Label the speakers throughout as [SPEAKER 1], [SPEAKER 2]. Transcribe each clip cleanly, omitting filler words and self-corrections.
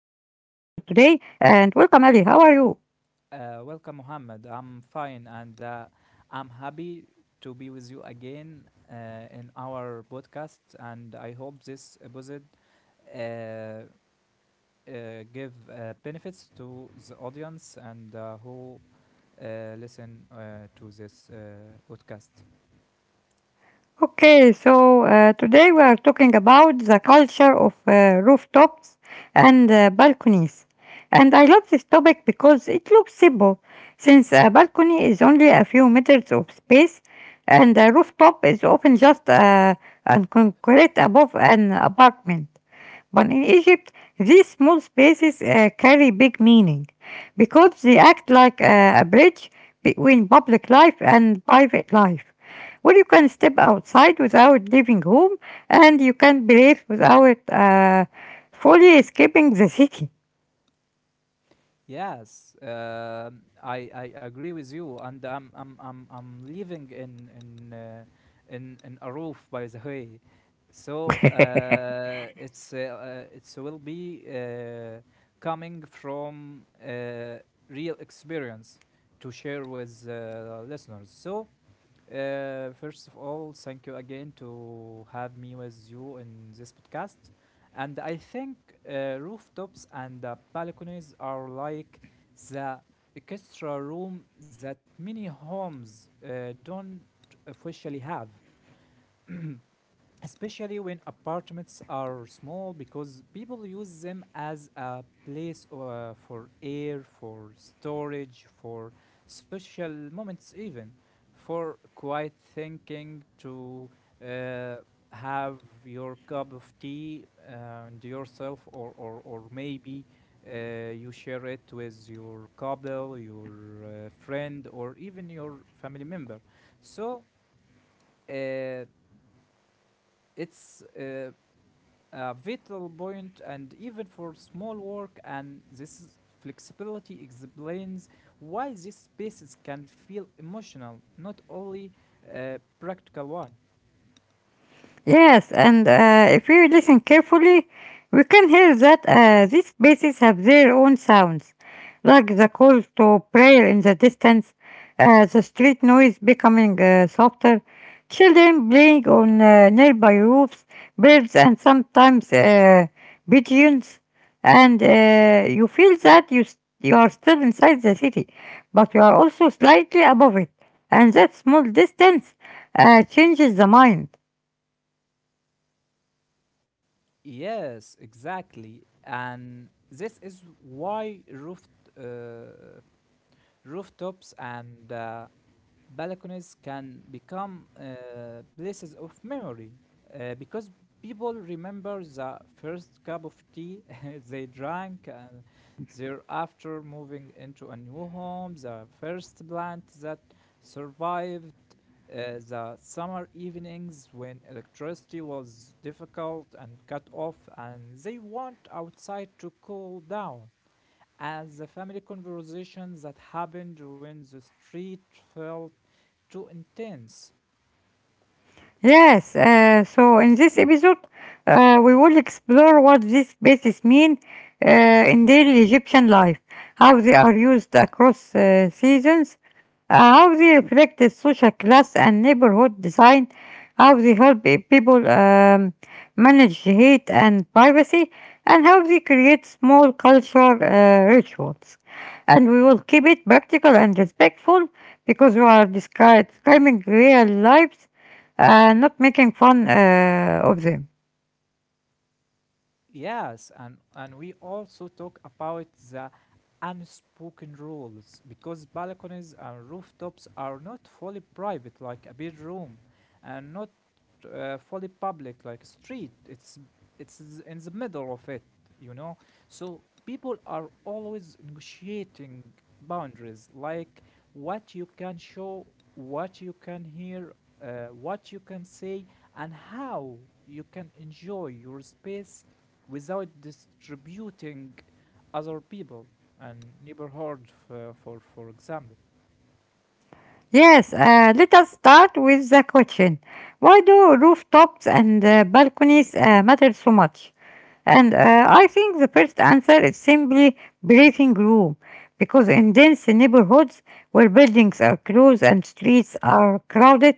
[SPEAKER 1] today. And welcome, Ali. How are you?
[SPEAKER 2] Welcome, Mohammed. I'm fine, and I'm happy to be with you again in our podcast. And I hope this episode uh, uh, give benefits to the audience and who listen to this podcast.
[SPEAKER 1] Okay, so today we are talking about the culture of rooftops and balconies. And I love this topic because it looks simple, since a balcony is only a few meters of space, and a rooftop is often just a concrete above an apartment. But in Egypt, these small spaces carry big meaning because they act like a bridge between public life and private life, where you can step outside without leaving home and you can breathe without fully escaping the city.
[SPEAKER 2] Yes, I agree with you, and I'm living in a roof, by the way, so it's will be coming from real experience to share with listeners. So first of all, thank you again to have me with you in this podcast. And I think rooftops and balconies are like the extra room that many homes don't officially have, especially when apartments are small, because people use them as a place for air, for storage, for social moments, even for quiet thinking, to uh, have your cup of tea and yourself, or maybe you share it with your couple, your friend, or even your family member. So uh, it's vital point, and even for small work. And this flexibility explains why these spaces can feel emotional, not only a practical one.
[SPEAKER 1] Yes, and if we listen carefully, we can hear that these spaces have their own sounds, like the call to prayer in the distance, the street noise becoming softer, children playing on nearby roofs, birds, and sometimes pigeons, and you feel that you are still inside the city, but you are also slightly above it, and that small distance changes the mind.
[SPEAKER 2] Yes, exactly. And this is why uh, rooftops and balconies can become places of memory, because people remember the first cup of tea they drank and thereafter moving into a new home, the first plant that survived, the summer evenings when electricity was difficult and cut off and they went outside to cool down, as the family conversation that happened when the street felt too intense.
[SPEAKER 1] Yes, so in this episode, we will explore what these spaces mean in daily Egyptian life, how they are used across seasons, how they reflect the social class and neighborhood design, how they help people manage heat and privacy, and how they create small cultural rituals. And we will keep it practical and respectful because we are describing real lives, not making fun of them.
[SPEAKER 2] Yes, and we also talk about the unspoken rules, because balconies and rooftops are not fully private like a bedroom, and not fully public like a street. It's in the middle of it, you know. So people are always negotiating boundaries, like what you can show, what you can hear, what you can say, and how you can enjoy your space without distributing other people and neighborhood, for example.
[SPEAKER 1] Yes, let us start with the question. Why do rooftops and balconies matter so much? And I think the first answer is simply breathing room, because in dense neighborhoods where buildings are close and streets are crowded,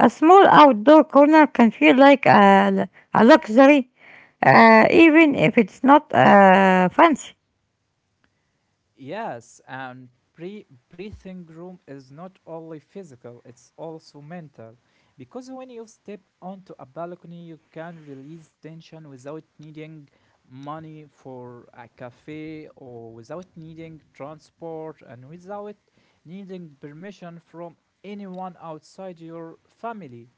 [SPEAKER 1] a small outdoor corner can feel like a luxury, even if it's not fancy.
[SPEAKER 2] Yes, and breathing room is not only physical, it's also mental, because when you step onto a balcony you can release tension without needing money for a cafe, or without needing transport, and without needing permission from anyone outside your family.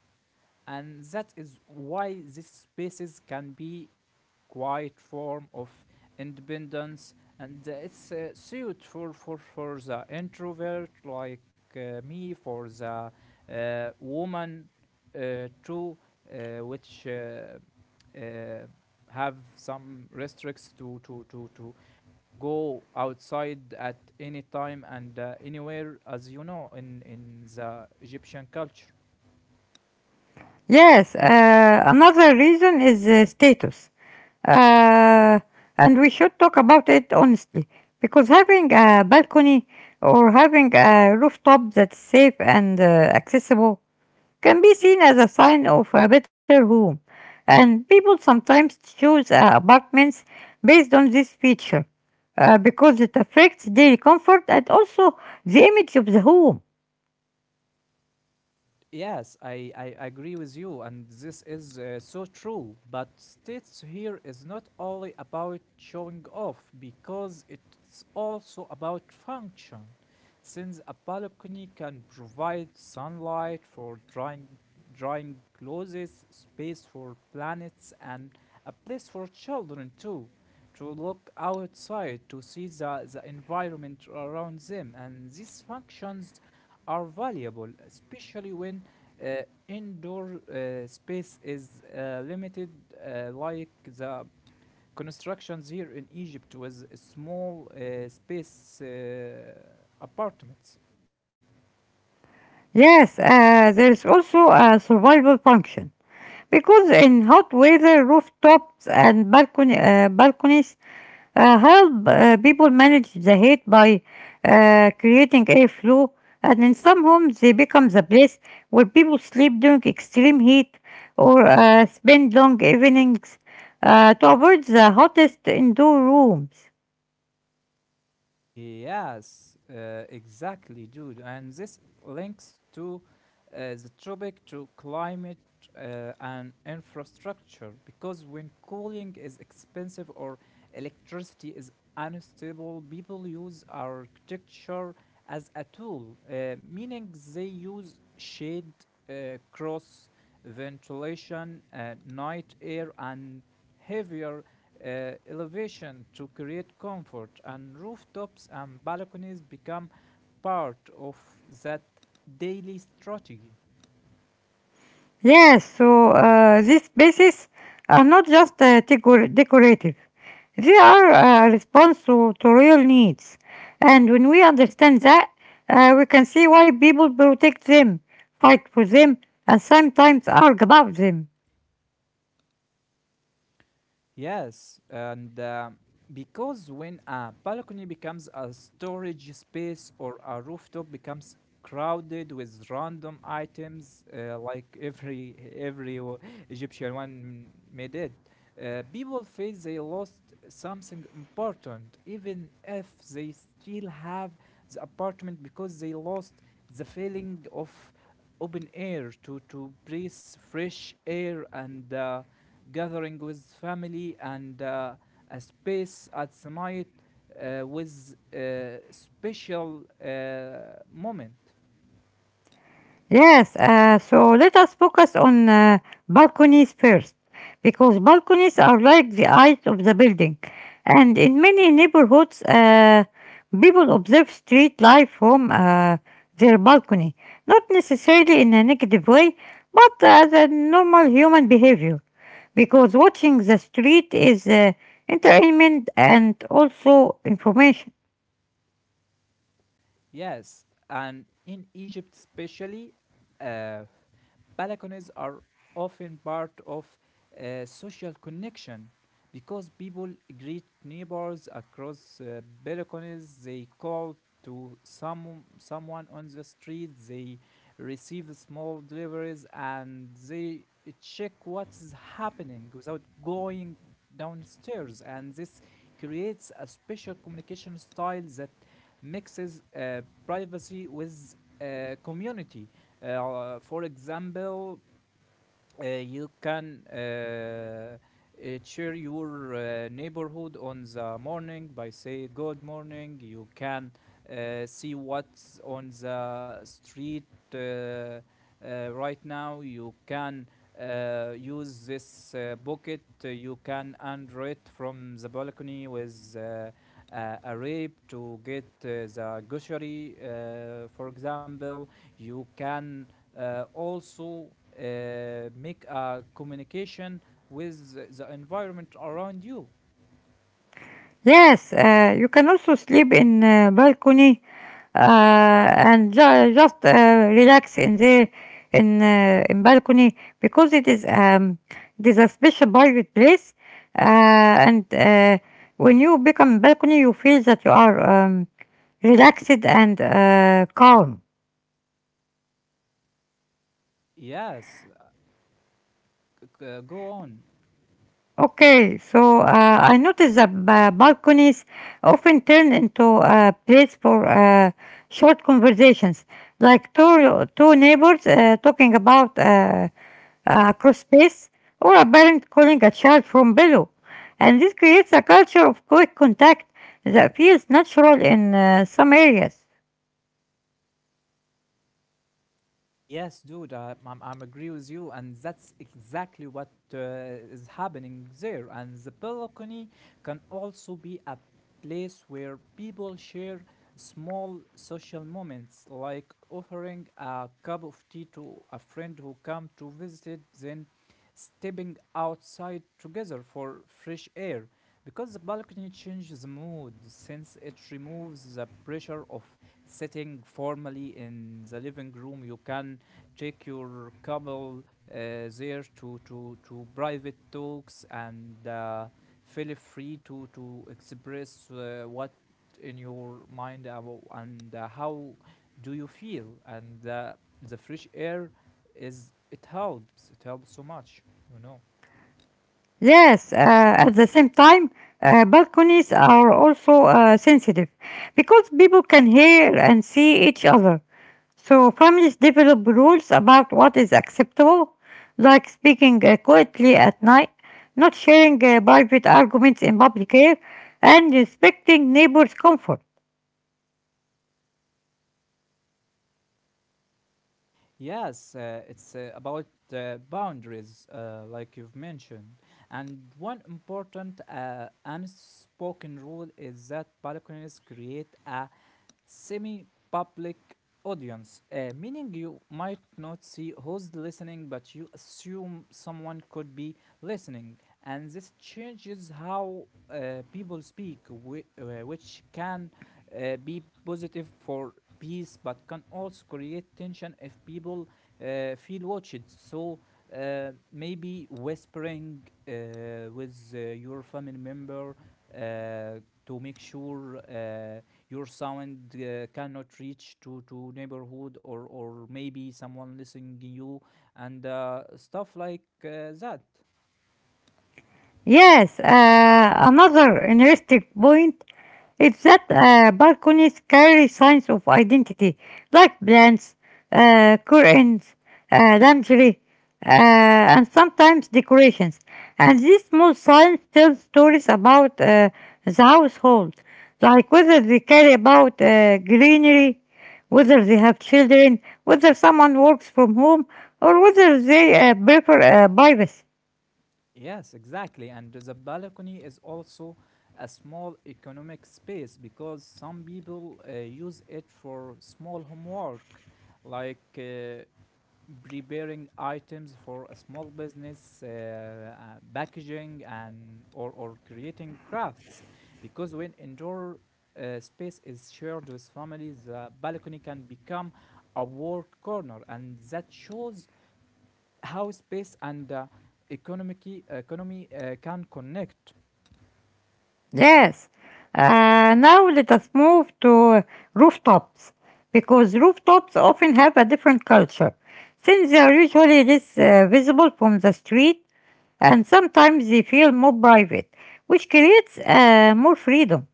[SPEAKER 2] And that is why these spaces can be quite form of independence. And it's suited for, for the introvert, like me, for the woman too, which uh, have some restricts to to go outside at any time and anywhere, as you know, in the egyptian culture.
[SPEAKER 1] Yes, another reason is status. Uh, and we should talk about it honestly because having a balcony or having a rooftop that's safe and accessible can be seen as a sign of a better home. And people sometimes choose apartments based on this feature because it affects daily comfort and also the image of the home.
[SPEAKER 2] Yes, I agree with you, and this is so true. But states here is not only about showing off, because it's also about function. Since a balcony can provide sunlight for drying, drying clothes, space for planets, and a place for children too, to look outside to see the environment around them. And these functions are valuable, especially when uh, indoor space is limited, like the constructions here in Egypt with small space apartments.
[SPEAKER 1] Yes, there is also a survival function, because in hot weather, balconies help people manage the heat by creating airflow. And in some homes, they become the place where people sleep during extreme heat or spend long evenings to avoid the hottest indoor rooms.
[SPEAKER 2] Yes, exactly, dude. And this links to the topic, to climate and infrastructure, because when cooling is expensive or electricity is unstable, people use architecture as a tool, meaning they use shade, cross ventilation, night air, and heavier elevation to create comfort, and rooftops and balconies become part of that daily strategy.
[SPEAKER 1] Yes, so these spaces are not just decorative, they are a response to, real needs. And when we understand that, we can see why people protect them, fight for them, and sometimes argue about them.
[SPEAKER 2] Yes, and because when a balcony becomes a storage space, or a rooftop becomes crowded with random items, like every Egyptian one made it, people feel they lost something important, even if they still have the apartment, because they lost the feeling of open air, to breathe fresh air, and gathering with family, and a space at night with a special moment.
[SPEAKER 1] Yes, so let us focus on balconies first, because balconies are like the eyes of the building, and in many neighborhoods, people observe street life from their balcony, not necessarily in a negative way, but as a normal human behavior, because watching the street is entertainment and also information.
[SPEAKER 2] Yes, and in egypt especially, uh, balconies are often part of social connection, because people greet neighbors across balconies. They call to someone on the street. They receive small deliveries, and they check what's happening without going downstairs. And this creates a special communication style that mixes privacy with community. For example, you can cheer your neighborhood on the morning by say good morning. You can see what's on the street uh, right now. You can use this bucket. You can under it from the balcony with a rape to get the grocery, for example. You can also make a communication with the environment around you.
[SPEAKER 1] Yes, you can also sleep in a balcony and ju- just relax in the in balcony, because it is a special private place, uh, and when you become balcony you feel that you are relaxed and calm.
[SPEAKER 2] Yes, go on.
[SPEAKER 1] Okay, so I noticed that balconies often turn into a place for short conversations, like two neighbors talking about cross space or a parent calling a child from below. And this creates a culture of quick contact that feels natural in some areas.
[SPEAKER 2] Yes, dude, I'm agree with you, and that's exactly what is happening there. And the balcony can also be a place where people share small social moments, like offering a cup of tea to a friend who come to visit, then stepping outside together for fresh air. Because the balcony changes the mood, since it removes the pressure of sitting formally in the living room. You can take your couple there, to private talks, and feel free to express what in your mind and how do you feel. And the fresh air is, it helps so much, you know.
[SPEAKER 1] Yes, at the same time, balconies are also sensitive because people can hear and see each other. So families develop rules about what is acceptable, like speaking quietly at night, not sharing private arguments in public air, and respecting neighbors' comfort.
[SPEAKER 2] Yes, it's about boundaries, like you've mentioned. And one important unspoken rule is that balconies create a semi public audience, meaning you might not see who's listening, but you assume someone could be listening. And this changes how people speak, which can be positive for peace, but can also create tension if people feel watched. So maybe whispering with your family member uh, to make sure your sound cannot reach to neighborhood, or maybe someone listening you, and stuff like that.
[SPEAKER 1] Yes, another interesting point is that balconies carry signs of identity, like plants, curtains, lingerie, uh, and sometimes decorations. And these small signs tell stories about the household, like whether they care about greenery, whether they have children, whether someone works from home, or whether they prefer privacy.
[SPEAKER 2] Yes, exactly. And the balcony is also a small economic space, because some people use it for small homework, like preparing items for a small business, packaging, and or creating crafts. Because when indoor space is shared with families, the balcony can become a work corner, and that shows how space and economic economy can connect.
[SPEAKER 1] Yes. Now let us move to rooftops because rooftops often have a different culture, since they are usually less visible from the street, and sometimes they feel more private, which creates more freedom.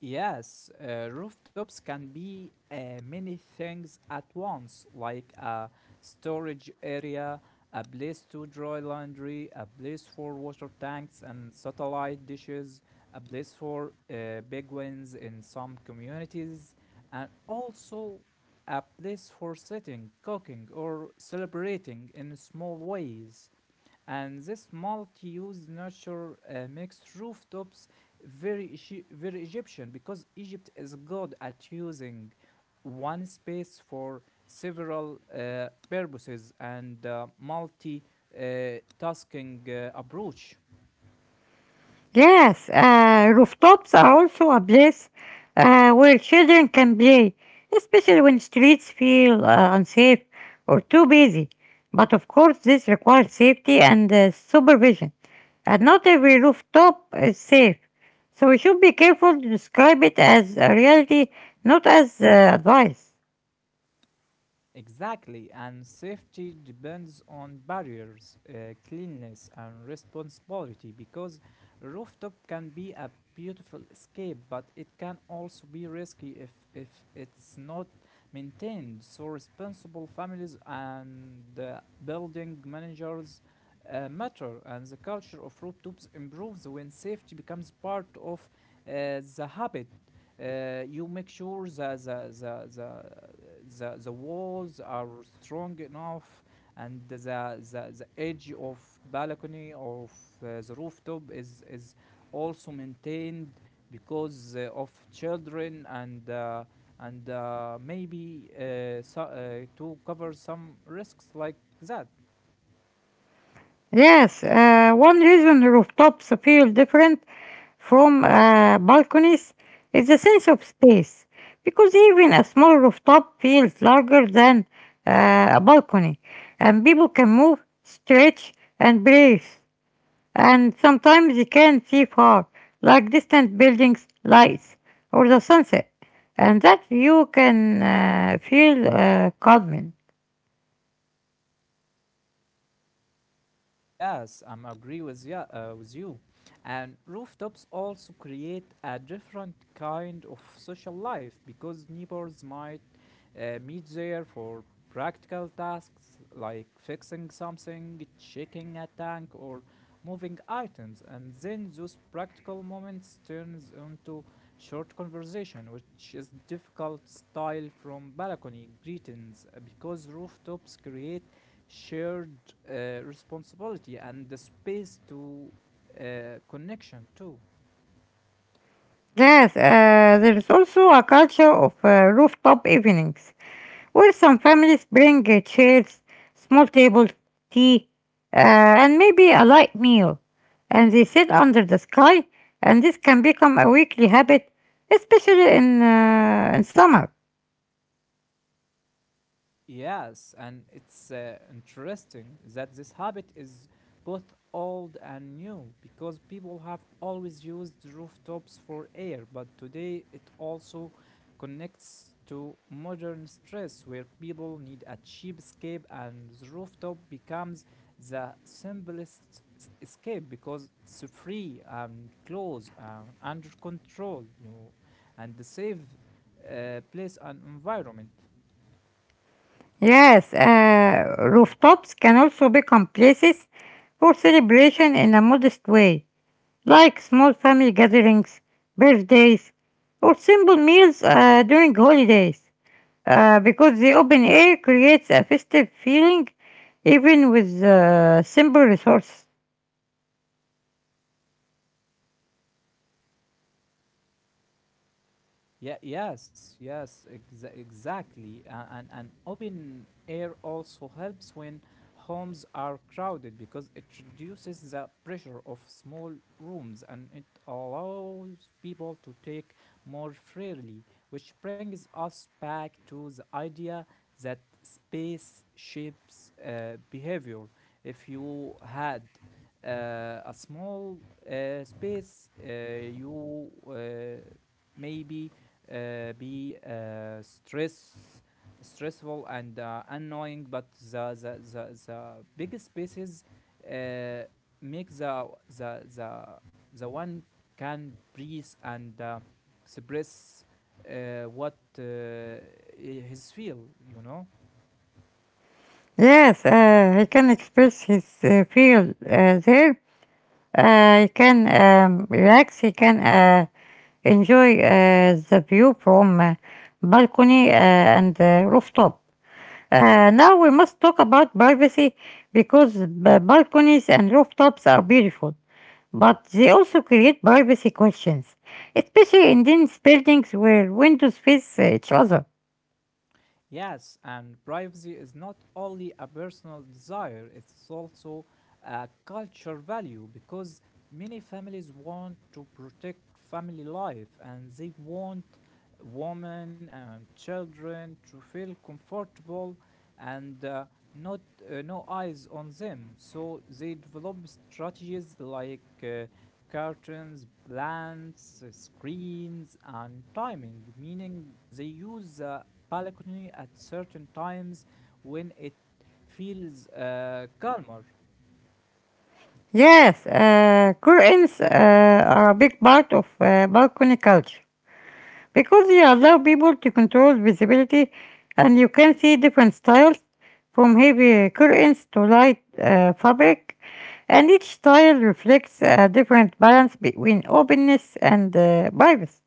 [SPEAKER 2] Yes, rooftops can be many things at once, like a storage area, a place to dry laundry, a place for water tanks and satellite dishes, a place for big wins in some communities, and also a place for sitting, cooking, or celebrating in small ways. And this multi-use nature makes rooftops very very Egyptian, because Egypt is good at using one space for several purposes, and multi tasking approach.
[SPEAKER 1] Yes, rooftops are also a place where children can play, especially when streets feel unsafe or too busy. But of course, this requires safety and supervision. And not every rooftop is safe, so we should be careful to describe it as a reality, not as advice.
[SPEAKER 2] Exactly, and safety depends on barriers, cleanliness, and responsibility, because rooftop can be a beautiful escape, but it can also be risky if it's not maintained. So, responsible families and building managers matter, and the culture of rooftops improves when safety becomes part of the habit. You make sure that the walls are strong enough, and the edge of balcony or of the rooftop is also maintained, because of children, and maybe so, to cover some risks like that.
[SPEAKER 1] Yes, one reason rooftops feel different from balconies is the sense of space, because even a small rooftop feels larger than a balcony, and people can move, stretch, and breathe, and sometimes you can see far, like distant buildings, lights, or the sunset, and that view can feel calming.
[SPEAKER 2] Yes, I'm agree with yeah, with you. And rooftops also create a different kind of social life, because neighbors might meet there for practical tasks, like fixing something, checking a tank, or moving items. And then those practical moments turns into short conversation, which is difficult style from balcony greetings, because rooftops create shared responsibility, and the space to connection too.
[SPEAKER 1] Yes, there is also a culture of rooftop evenings where some families bring chairs, small tables, tea, and maybe a light meal, and they sit under the sky. And this can become a weekly habit, especially in summer.
[SPEAKER 2] Yes, and it's interesting that this habit is both old and new, because people have always used rooftops for air, but today it also connects to modern stress, where people need a cheap escape, and the rooftop becomes the simplest escape, because it's free and close and under control, you know, and the safe place and environment.
[SPEAKER 1] Yes, rooftops can also become places for celebration in a modest way, like small family gatherings, birthdays, or simple meals during holidays, because the open air creates a festive feeling even with simple resources.
[SPEAKER 2] Yeah, yes, yes, exactly. And open air also helps when homes are crowded, because it reduces the pressure of small rooms, and it allows people to take more freely, which brings us back to the idea that space shapes behavior. If you had a small space, you maybe be stressful and annoying, but the big spaces uh, make the the the one can breathe and express what his feel.
[SPEAKER 1] Yes, he can express his feel there. He can relax. He can enjoy the view from balcony and rooftop. Now we must talk about privacy because balconies and rooftops are beautiful, but they also create privacy questions, especially in these buildings where windows face each other.
[SPEAKER 2] Yes, and privacy is not only a personal desire, it's also a cultural value because many families want to protect family life, and they want women and children to feel comfortable and not no eyes on them. So they develop strategies like curtains, plants, screens, and timing, meaning they use the balcony at certain times when it feels calmer.
[SPEAKER 1] Yes, curtains are a big part of balcony culture, because you allow people to control visibility, and you can see different styles from heavy curtains to light fabric, and each style reflects a different balance between openness and privacy.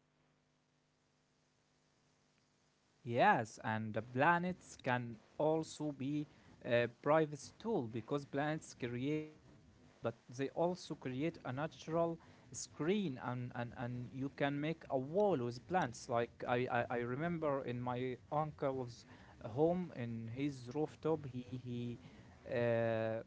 [SPEAKER 2] Yes, and the planets can also be a privacy tool because planets create beauty, but they also create a natural screen, and you can make a wall with plants. Like I remember in my uncle's home in his rooftop. He uh,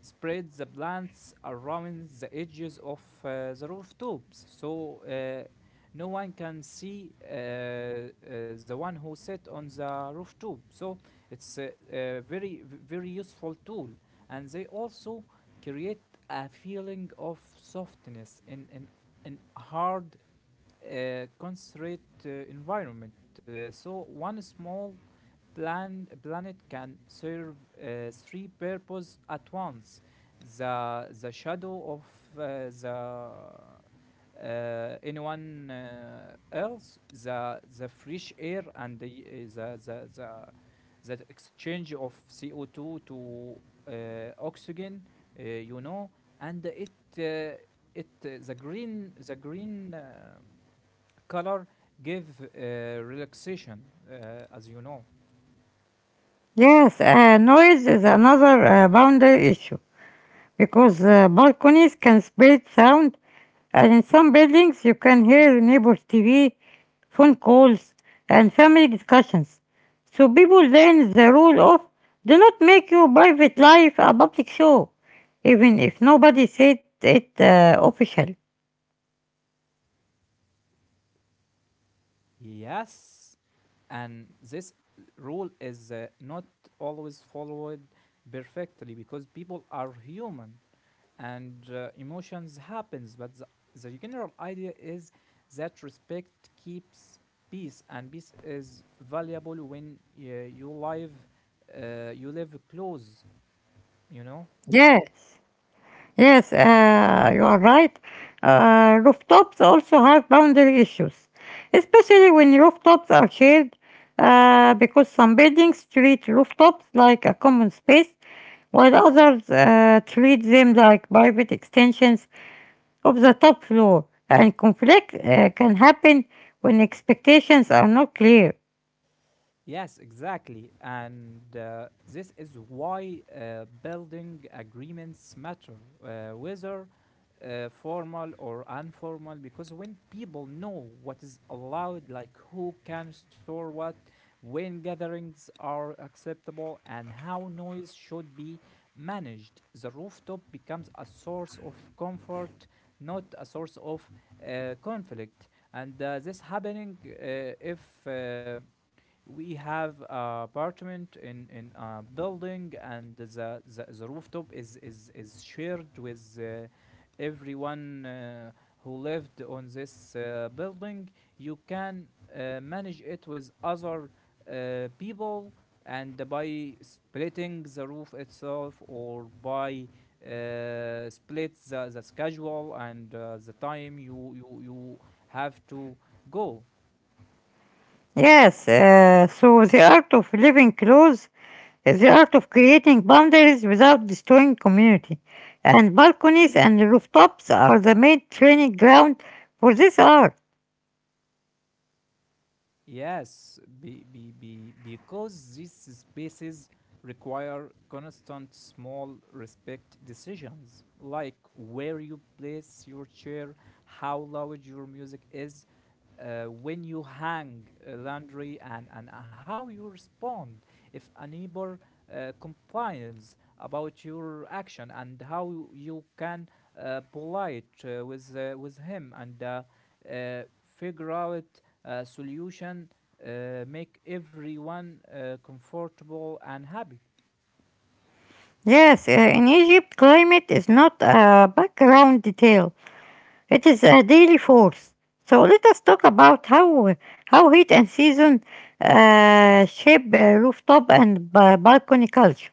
[SPEAKER 2] spread the plants around the edges of the rooftops. So no one can see the one who sit on the rooftop. So it's a very useful tool, and they also create a feeling of softness in hard, concentrate environment. So one small planet can serve three purposes at once. The shadow of the anyone else, the fresh air, and the that exchange of CO2 to uh, oxygen, uh, you know, and it uh, it the green color give relaxation, as you know.
[SPEAKER 1] Yes, noise is another boundary issue, because balconies can spread sound, and in some buildings you can hear neighbors' TV, phone calls, and family discussions. So people learn the rule of do not make your private life a public show, even if nobody said it officially.
[SPEAKER 2] Yes, and this rule is not always followed perfectly because people are human and emotions happens, but the general idea is that respect keeps peace, and peace is valuable when you live close you know
[SPEAKER 1] Yes. Yes, you are right. Rooftops also have boundary issues, especially when rooftops are shared, because some buildings treat rooftops like a common space, while others treat them like private extensions of the top floor. And conflict can happen when expectations are not clear.
[SPEAKER 2] Yes, exactly. And this is why building agreements matter, whether formal or informal, because when people know what is allowed, like who can store what, when gatherings are acceptable, and how noise should be managed, the rooftop becomes a source of comfort, not a source of conflict. And this happening if uh, we have apartment in a building, and the rooftop is shared with everyone who lived on this building. You can manage it with other people and by splitting the roof itself or by split the schedule and the time you have to go.
[SPEAKER 1] Yes, so the art of living close is the art of creating boundaries without destroying community. And balconies and rooftops are the main training ground for this art.
[SPEAKER 2] Yes, because these spaces require constant small respect decisions, like where you place your chair, how loud your music is, when you hang laundry, and how you respond if a neighbor complains about your action, and how you can polite with with him and, uh, figure out a solution make everyone comfortable and happy.
[SPEAKER 1] Yes, in Egypt, climate is not a background detail, it is a daily force. So let us talk about how heat and season shape rooftop and balcony culture.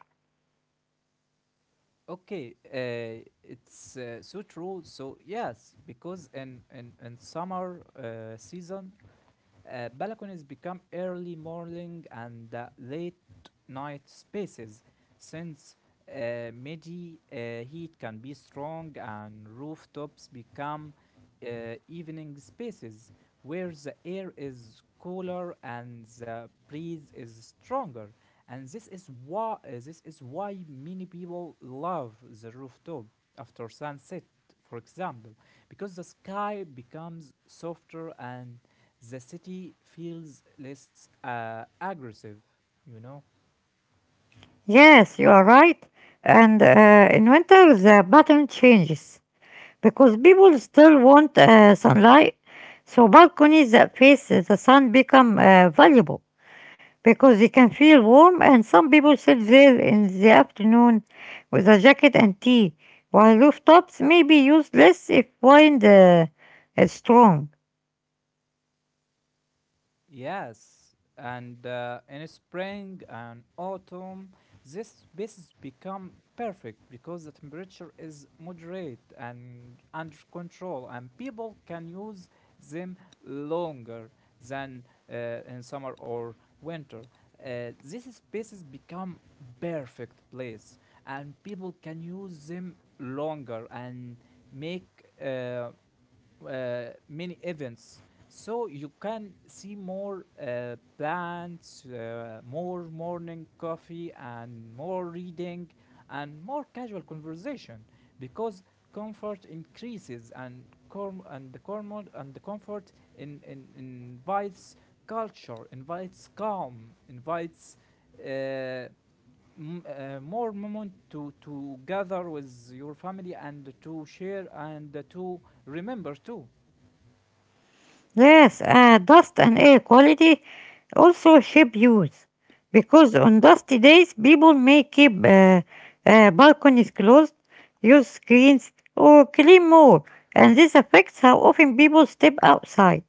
[SPEAKER 2] Okay, it's so true. So yes, because in in summer season, balconies become early morning and late night spaces since midi heat can be strong, and rooftops become evening spaces where the air is cooler and the breeze is stronger. And this is why many people love the rooftop after sunset, for example, because the sky becomes softer and the city feels less aggressive, you know.
[SPEAKER 1] Yes, you are right. And in winter, the pattern changes, because people still want sunlight, so balconies that face the sun become valuable because they can feel warm, and some people sit there in the afternoon with a jacket and tea, while rooftops may be used less if wind is strong.
[SPEAKER 2] Yes, and in spring and autumn, these spaces become perfect because the temperature is moderate and under control, and people can use them longer than uh, in summer or winter. These spaces become perfect place, and people can use them longer and make many events. So you can see more plants, more morning coffee, and more reading, and more casual conversation because comfort increases and com and the comfort in invites, culture invites, calm invites uh, more moment to gather with your family, and to share, and to remember too.
[SPEAKER 1] Yes, dust and air quality also shape use, because on dusty days people may keep balconies closed, use screens, or clean more, and this affects how often people step outside.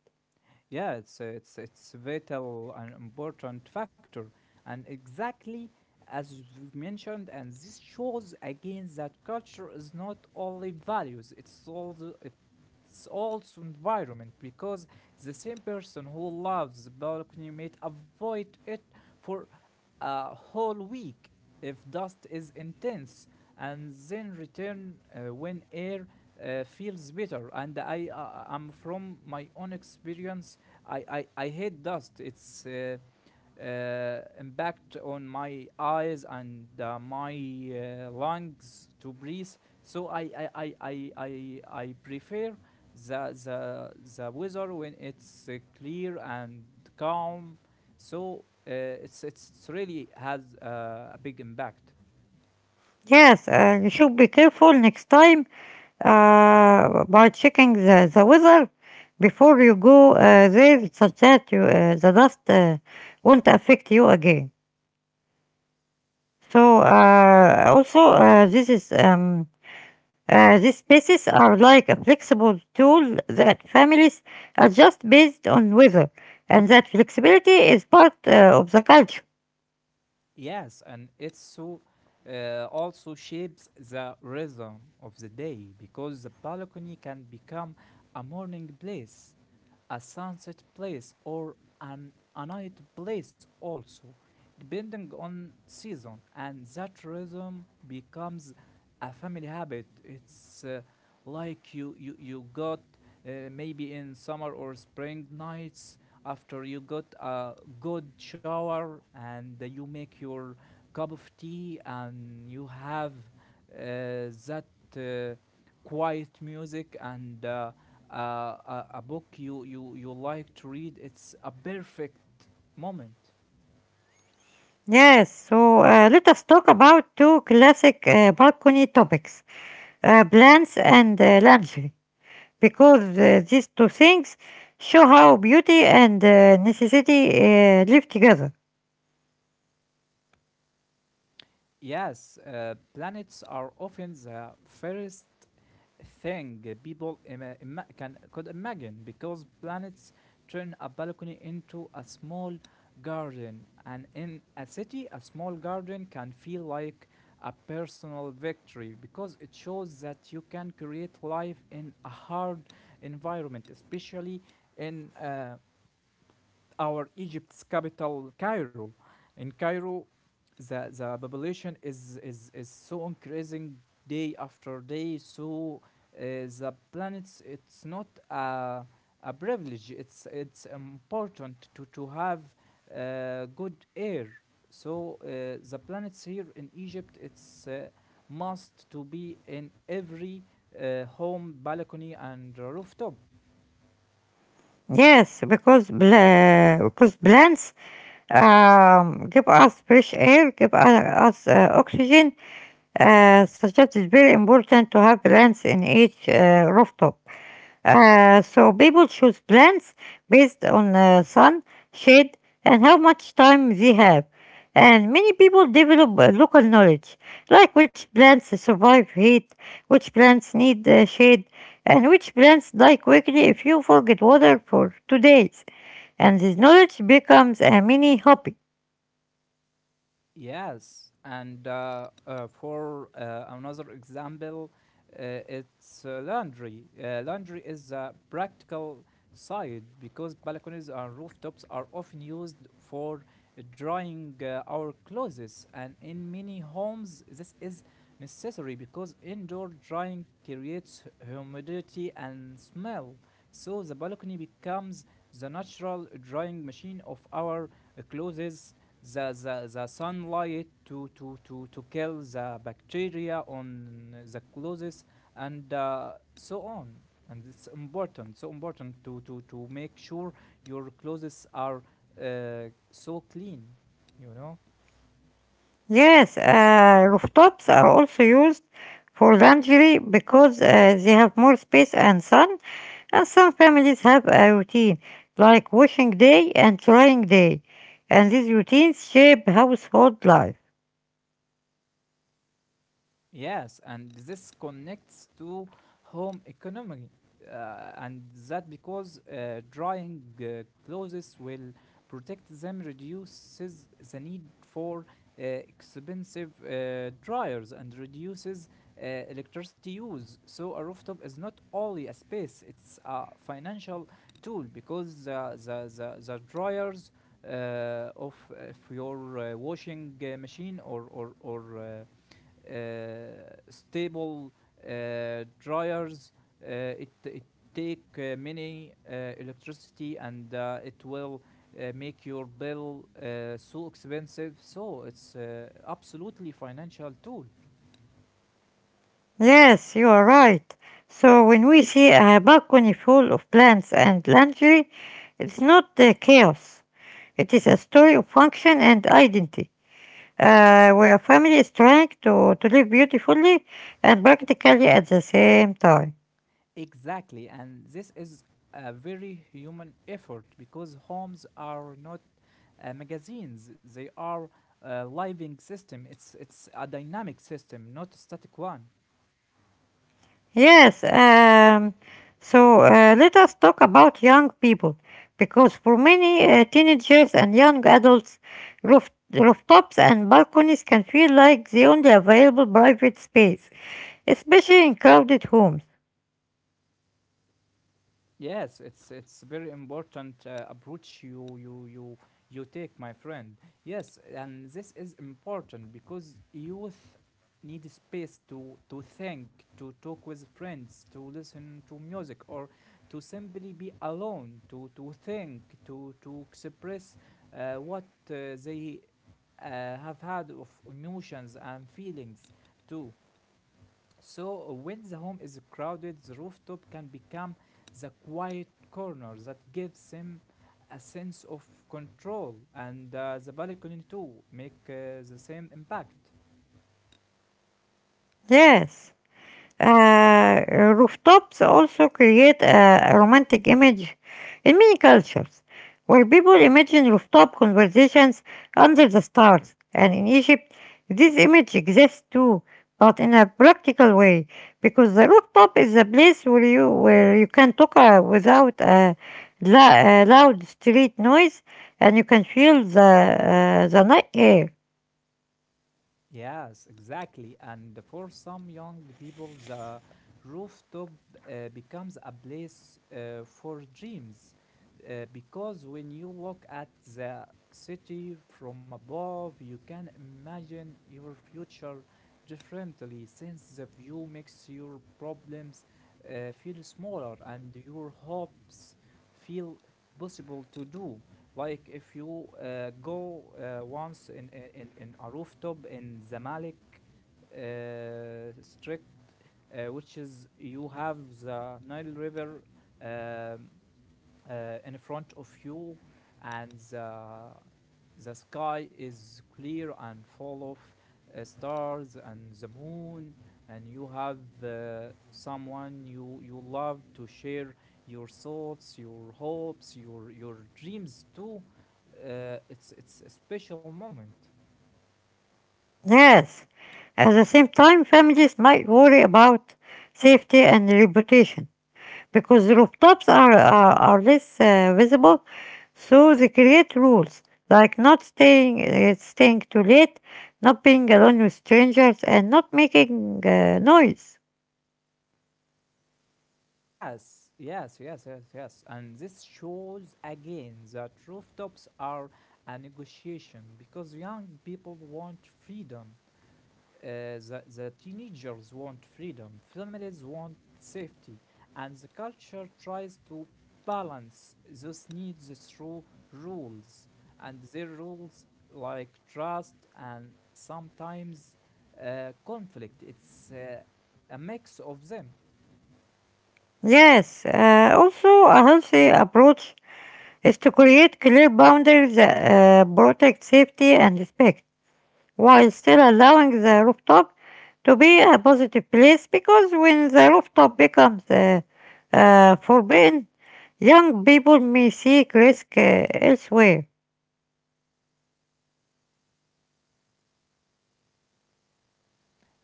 [SPEAKER 2] Yeah, it's a- it's it's vital and important factor, and exactly as you mentioned. And this shows again that culture is not only values; it's also it's also environment because the same person who loves the balcony might avoid it for a whole week if dust is intense and then return when air feels better. And I am from my own experience. I hate dust. It's impact on my eyes and my lungs to breathe. So I prefer the the the weather when it's clear and calm. So it's really has a big impact.
[SPEAKER 1] Yes, you should be careful next time by checking the weather before you go there, such that the dust won't affect you again. So also this is these spaces are like a flexible tool that families adjust based on weather, and that flexibility is part of the culture.
[SPEAKER 2] Yes, and it's so also shapes the rhythm of the day because the balcony can become a morning place, a sunset place, or a night place also, depending on season. And that rhythm becomes a family habit. It's like you got maybe in summer or spring nights, after you got a good shower and you make your cup of tea, and you have that uh, quiet music and a book you like to read, it's a perfect moment.
[SPEAKER 1] Yes, so let us talk about two classic balcony topics, plants and lingerie, because these two things show how beauty and necessity live together.
[SPEAKER 2] Yes, planets are often the first thing people ima- ima- can could imagine because planets turn a balcony into a small garden, and in a city, a small garden can feel like a personal victory because it shows that you can create life in a hard environment, especially in our Egypt's capital, Cairo. In Cairo, the population is so increasing day after day. So the planets, it's not a privilege. It's important to have good air. So uh, the planets here in Egypt, it's must to be in every home balcony and rooftop.
[SPEAKER 1] Yes, because plants give us fresh air, give us oxygen, such that it's very important to have plants in each rooftop. So people choose plants based on sun, shade, and how much time they have. And many people develop local knowledge, like which plants survive heat, which plants need shade, and which plants die quickly if you forget water for 2 days. And this knowledge becomes a mini hobby.
[SPEAKER 2] Yes, and for another example, it's laundry. Laundry is a practical side because balconies and rooftops are often used for drying our clothes, and in many homes, this is necessary because indoor drying creates humidity and smell. So the balcony becomes the natural drying machine of our closes, the sunlight to kill the bacteria on the clothes, and so on. And it's important, so important to make sure your clothes are uh, so clean, you know.
[SPEAKER 1] Yes, rooftops are also used for laundry because they have more space and sun, and some families have a routine like washing day and drying day, and these routines shape household life.
[SPEAKER 2] Yes, and this connects to home economy, and that because drying clothes will protect them, reduces the need for expensive dryers, and reduces electricity use. So a rooftop is not only a space; it's a financial tool because the dryers of your washing machine or stable dryers. It take many electricity, and it will make your bill so expensive. So it's absolutely financial tool.
[SPEAKER 1] Yes, you are right. So when we see a balcony full of plants and laundry, it's not chaos. It is a story of function and identity, where a family is trying to live beautifully and practically at the same time.
[SPEAKER 2] Exactly, and this is a very human effort because homes are not magazines; they are a living system. It's a dynamic system, not a static one.
[SPEAKER 1] Yes, so let us talk about young people, because for many teenagers and young adults, rooftops and balconies can feel like the only available private space, especially in crowded homes.
[SPEAKER 2] Yes, it's very important approach you take, my friend. Yes, and this is important because youth need space to think, to talk with friends, to listen to music, or to simply be alone, to think, to express what they uh, have had of emotions and feelings too. So when the home is crowded, the rooftop can become the quiet corner that gives him a sense of control, and the balcony too make the same impact.
[SPEAKER 1] Yes. Uh, Rooftops also create a romantic image in many cultures, where people imagine rooftop conversations under the stars. And in Egypt, this image exists too, but in a practical way, because the rooftop is a place where you can talk without a loud street noise, and you can feel the night air.
[SPEAKER 2] Yes, exactly. And for some young people, the rooftop becomes a place for dreams. Because when you look at the city from above, you can imagine your future differently since the view makes your problems feel smaller and your hopes feel possible to do. Like if you go once in a rooftop in Zamalek district, which is you have the Nile River um, in front of you, and the sky is clear and full of stars and the moon, and you have someone you love to share your thoughts, your hopes, your dreams too. It's a special moment.
[SPEAKER 1] Yes, at the same time, families might worry about safety and reputation because rooftops are less visible, so they create rules like not staying too late, not being alone with strangers, and not making noise.
[SPEAKER 2] Yes, yes, yes, yes, yes. And this shows again that rooftops are a negotiation because young people want freedom, uh, the teenagers want freedom, families want safety, and the culture tries to balance those needs through rules. And their rules like trust and sometimes conflict. It's a mix of them.
[SPEAKER 1] Yes, also a healthy approach is to create clear boundaries that protect safety and respect, while still allowing the rooftop to be a positive place, because when the rooftop becomes forbidden, young people may seek risk elsewhere.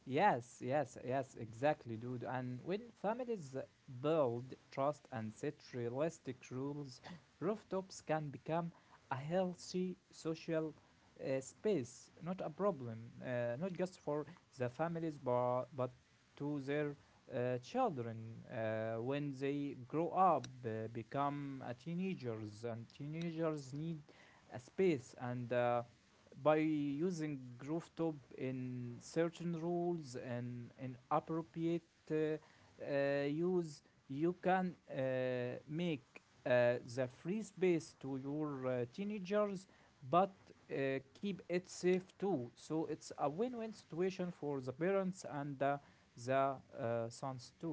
[SPEAKER 2] Yes, yes, yes, exactly, dude. And when families build trust and set realistic rules, rooftops can become a healthy social space, not a problem, not just for the families, but, to their children when they grow up, become teenagers, and teenagers need a space. And by using rooftop in certain rules and in appropriate use, you can make the free space to your teenagers, but keep it safe too. So it's a win-win situation for the parents and the sons too.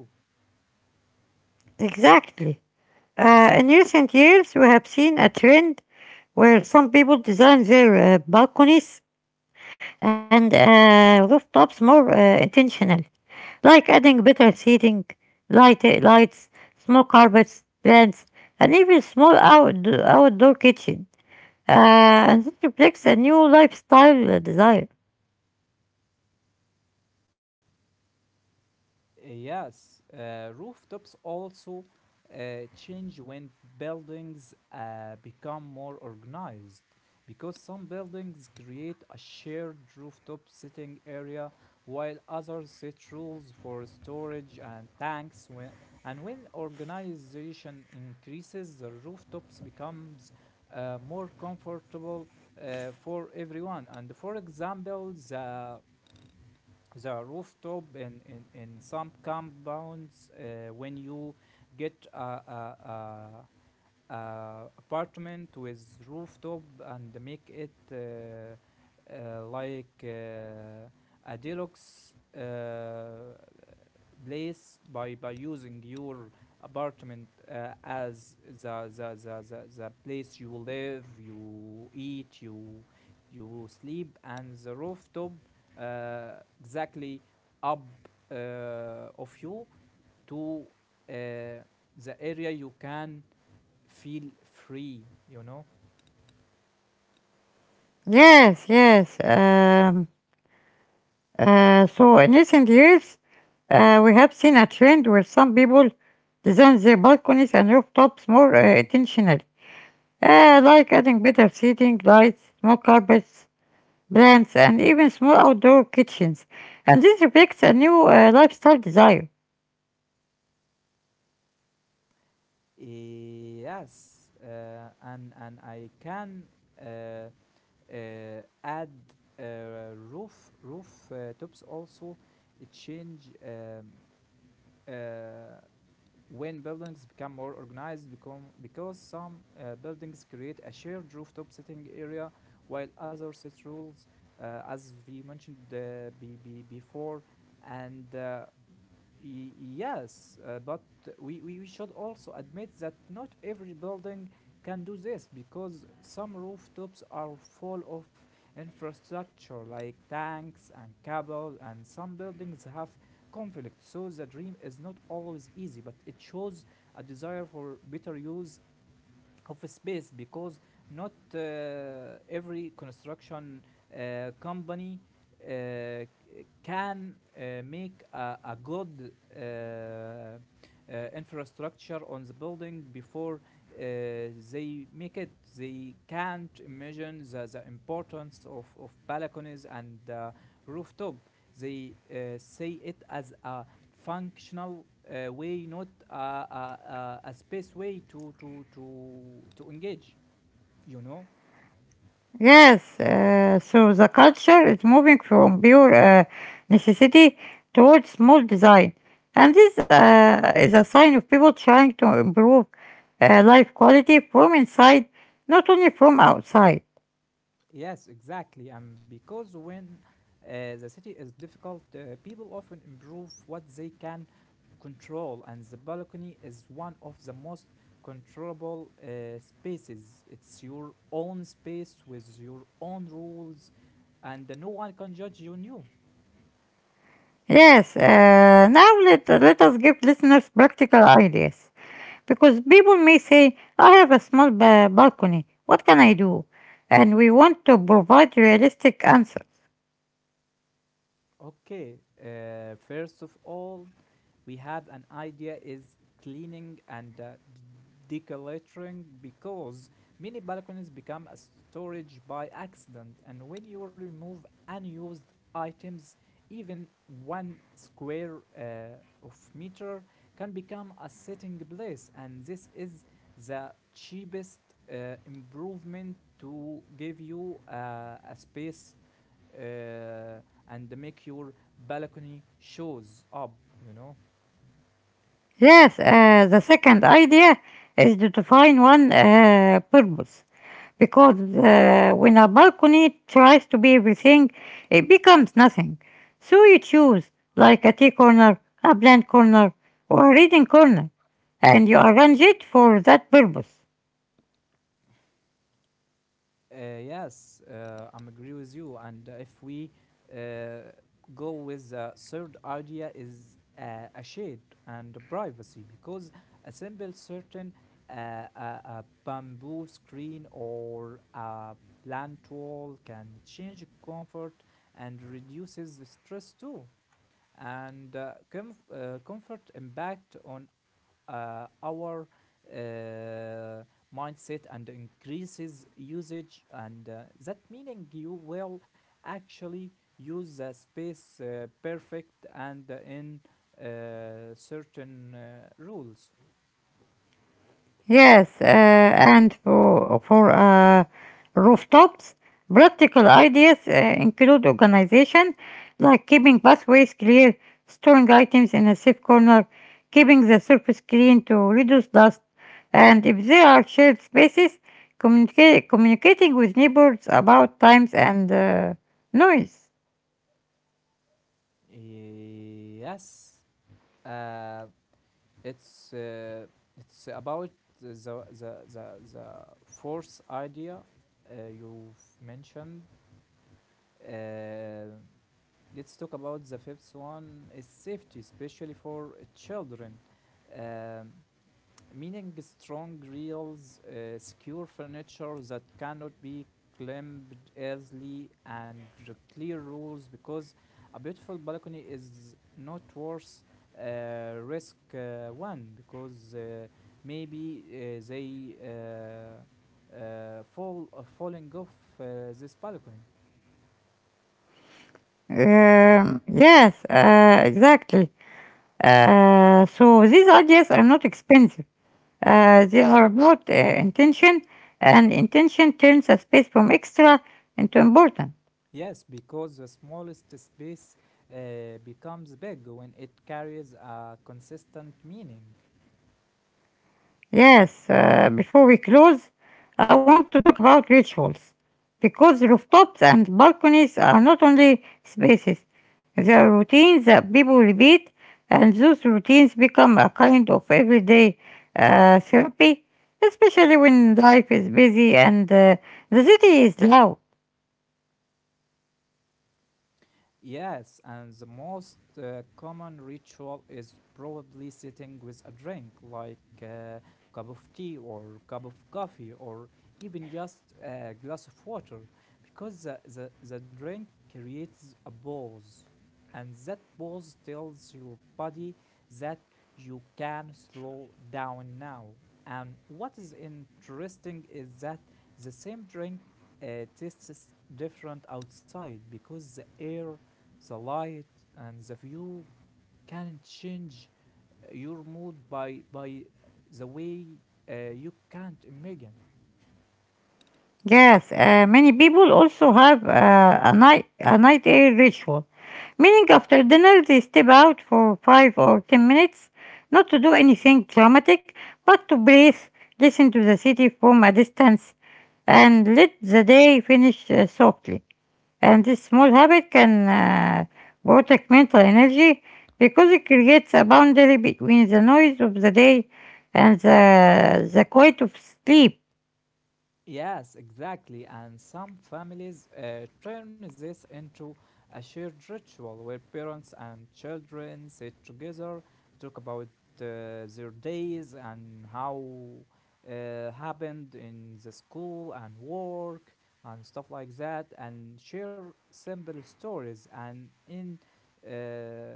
[SPEAKER 1] Exactly. In recent years, we have seen a trend where some people design their balconies and rooftops more intentional, like adding better seating, lights, small carpets, plants, and even small outdoor kitchen. And this reflects a new lifestyle desire.
[SPEAKER 2] Yes, rooftops also change when buildings become more organized because some buildings create a shared rooftop sitting area while others set rules for storage and tanks and when organization increases the rooftops becomes more comfortable for everyone. And for example the rooftop in some compounds, when you get a apartment with rooftop and make it like a deluxe place by using your apartment as the place you live, you eat, you sleep, and the rooftop exactly up of you to uh, the area you can feel free.
[SPEAKER 1] Yes, yes. So in recent years, we have seen a trend where some people design their balconies and rooftops more intentionally, like adding better seating, lights, small carpets, plants, and even small outdoor kitchens. And this reflects a new lifestyle desire.
[SPEAKER 2] Yes, and I can uh, add roof tops also change uh, when buildings become more organized become because some buildings create a shared rooftop sitting area while others set rules, as we mentioned before. And Yes, but we should also admit that not every building can do this because some rooftops are full of infrastructure like tanks and cable, and some buildings have conflict. So the dream is not always easy, but it shows a desire for better use of space, because not every construction company can make a good infrastructure on the building before uh, they make it. They can't imagine the importance of balconies and rooftop. They say it as a functional way, not a space way to engage, you know?
[SPEAKER 1] Yes, so the culture is moving from pure necessity towards small design. And this is a sign of people trying to improve life quality from inside, not only from outside.
[SPEAKER 2] Yes, exactly. And because when the city is difficult, people often improve what they can control, and the balcony is one of the most controllable spaces. It's your own space with your own rules, and no one can judge you new.
[SPEAKER 1] Yes, now let us give listeners practical ideas, because people may say, I have a small balcony, what can I do? And we want to provide realistic answers.
[SPEAKER 2] Okay, first of all, we have an idea is cleaning and decluttering, because many balconies become a storage by accident, and when you remove unused items, even one square of meter can become a sitting place. And this is the cheapest improvement to give you a space, uh, and make your balcony shows up you know
[SPEAKER 1] Yes, the second idea is to define one purpose, because when a balcony tries to be everything, it becomes nothing. So you choose, like a tea corner, a plant corner, or a reading corner, and you arrange it for that purpose.
[SPEAKER 2] Yes, I'm agree with you. And if we uh, go with the third idea is a shade and privacy, because a simple certain, uh, a bamboo screen or a plant wall can change comfort and reduces the stress too. And comfort impact on our uh, mindset and increases usage, and that meaning you will actually use the space perfect and in certain rules.
[SPEAKER 1] Yes, and for rooftops, practical ideas include organization, like keeping pathways clear, storing items in a safe corner, keeping the surface clean to reduce dust, and if there are shared spaces, communicating with neighbors about times and noise.
[SPEAKER 2] Yes, uh, it's uh, it's about the force idea you've mentioned. uh, Let's talk about the fifth one is safety, especially for children. Um, meaning strong rails, secure furniture that cannot be climbed easily, and the clear rules, because a beautiful balcony is not worth uh, risk one, because maybe they fall, falling off uh, this balcony.
[SPEAKER 1] Yes, exactly. So these ideas are not expensive. They are about intention, and intention turns a space from extra into important.
[SPEAKER 2] Yes, because the smallest space becomes big when it carries a consistent meaning.
[SPEAKER 1] Yes, before we close, I want to talk about rituals, because rooftops and balconies are not only spaces, they are routines that people repeat, and those routines become a kind of everyday therapy, especially when life is busy and the city is loud.
[SPEAKER 2] Yes, and the most common ritual is probably sitting with a drink like a cup of tea or cup of coffee or even just a glass of water, because the drink creates a pause, and that pause tells your body that you can slow down now. And what is interesting is that the same drink tastes different outside, because the air, the light, and the view can change your mood by the way you can't imagine.
[SPEAKER 1] Yes, many people also have a night air ritual, meaning after dinner they step out for 5 or 10 minutes, not to do anything dramatic, but to breathe, listen to the city from a distance, and let the day finish softly. And this small habit can protect mental energy, because it creates a boundary between the noise of the day and the quiet of sleep.
[SPEAKER 2] Yes, exactly. And some families turn this into a shared ritual where parents and children sit together, talk about their days and how happened in the school and work and stuff like that, and share simple stories. And in uh,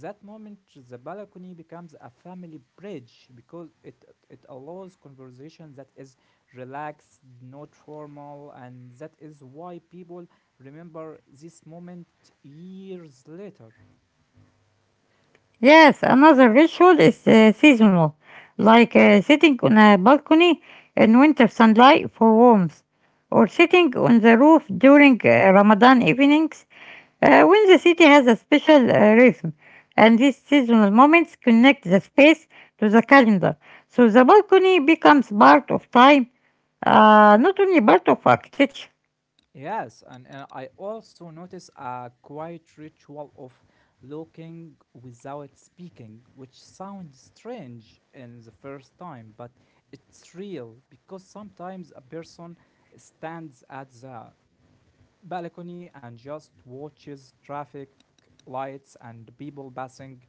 [SPEAKER 2] that moment, the balcony becomes a family bridge, because it allows conversation that is relaxed, not formal, and that is why people remember this moment years later.
[SPEAKER 1] Yes, another ritual is seasonal, like sitting on a balcony in winter sunlight for warmth, or sitting on the roof during Ramadan evenings when the city has a special rhythm. And these seasonal moments connect the space to the calendar, so the balcony becomes part of time, not only part of architecture.
[SPEAKER 2] Yes, and I also notice a quiet ritual of looking without speaking, which sounds strange in the first time, but it's real, because sometimes a person stands at the balcony and just watches traffic lights and people passing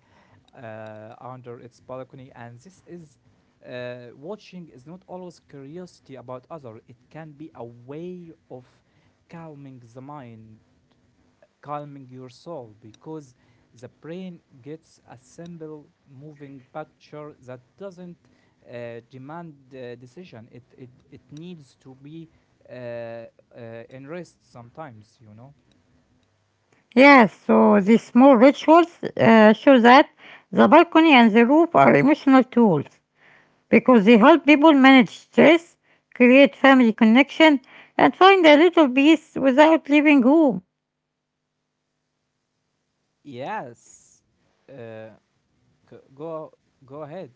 [SPEAKER 2] under its balcony. And this is watching is not always curiosity about other, it can be a way of calming the mind, calming your soul, because the brain gets a simple moving picture that doesn't demand decision. It needs to be uh, uh, in rest sometimes.
[SPEAKER 1] Yes, so these small rituals show that the balcony and the roof are emotional tools, because they help people manage stress, create family connection, and find a little peace without leaving home.
[SPEAKER 2] Yes. Uh, go ahead.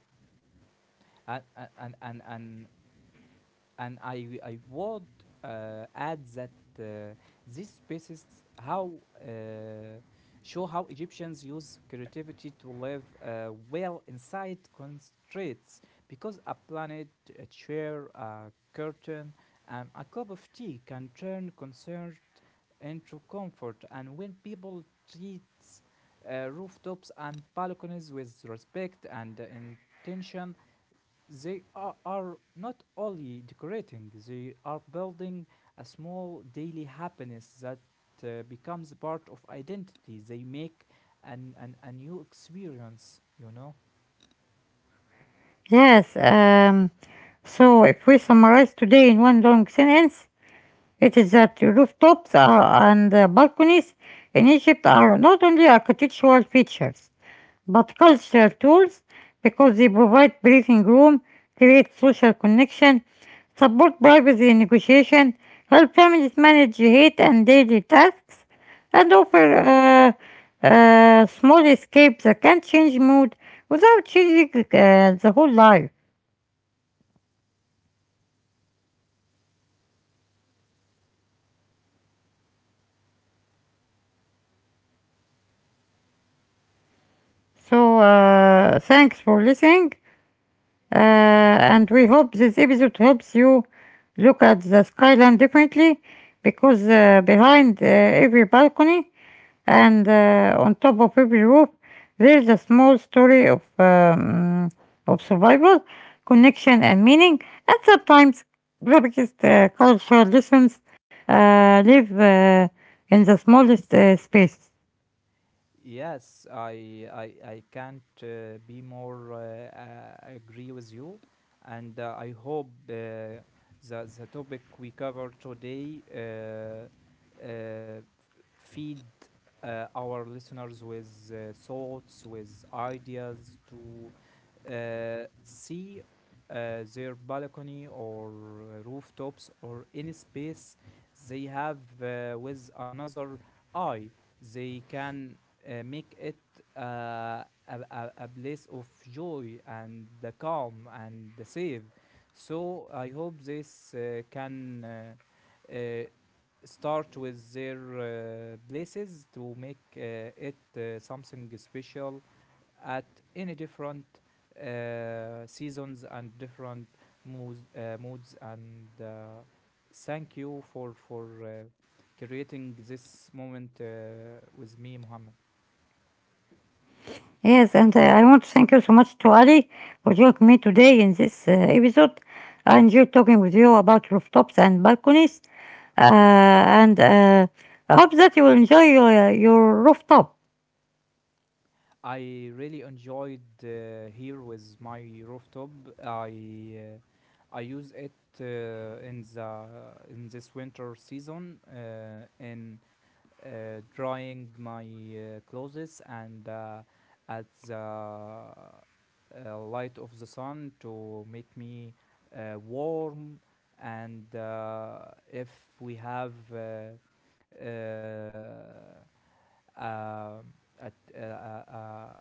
[SPEAKER 2] And and and and I would add that uh, these spaces how show how Egyptians use creativity to live well inside constraints, because a planet, a chair, a curtain, and a cup of tea can turn concern into comfort. And when people treat rooftops and balconies with respect and intention, are not only decorating, they are building a small daily happiness that becomes part of identity. They make a new experience, you know?
[SPEAKER 1] Yes, so if we summarize today in one long sentence, it is that rooftops and balconies in Egypt are not only architectural features, but cultural tools, because they provide breathing room, create social connection, support privacy negotiation, help families manage hate and daily tasks, and offer small escapes that can change mood without changing the whole life. So, thanks for listening, and we hope this episode helps you look at the skyline differently, because behind every balcony and on top of every roof there is a small story of survival, connection, and meaning, and sometimes the biggest cultural lessons live in the smallest spaces.
[SPEAKER 2] Yes, I can't be more agree with you, and I hope the topic we cover today feed our listeners with thoughts, with ideas to see uh, their balcony or rooftops or any space they have, with another eye. They can make it a place of joy and the calm and the safe. So I hope this can uh, start with their places to make it something special at any different seasons and different moods. And thank you for creating this moment with me, Mohammed.
[SPEAKER 1] Yes, and I want to thank you so much to Ali for joining me today in this episode. I enjoyed talking with you about rooftops and balconies, and I hope that you will enjoy your rooftop.
[SPEAKER 2] I really enjoyed here with my rooftop. I use it in the in this winter season, in drying my clothes, and at the light of the sun to make me warm. And if we have uh, um, at, uh, uh,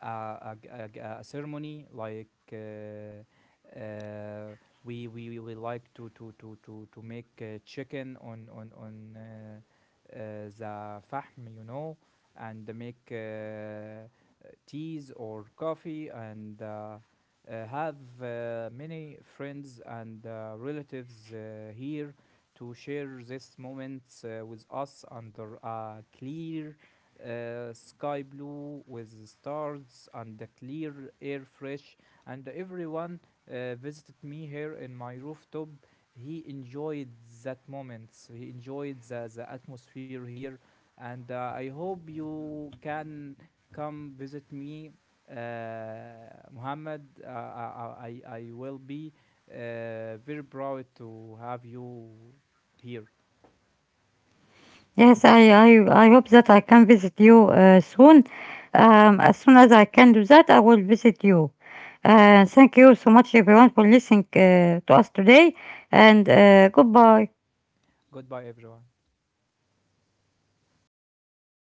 [SPEAKER 2] a, a, ceremony, like uh, we like to make chicken on the fahm, you know, and make teas or coffee, and have many friends and relatives here to share these moments with us, under a clear sky blue with stars and the clear air fresh. And everyone visited me here in my rooftop, he enjoyed that moments, he enjoyed the atmosphere here. And I hope you can come visit me, uh, Muhammad. I will be very proud to have you here.
[SPEAKER 1] Yes, I hope that I can visit you soon. As soon as I can do that, I will visit you. Thank you so much, everyone, for listening to us today, and goodbye.
[SPEAKER 2] Goodbye, everyone.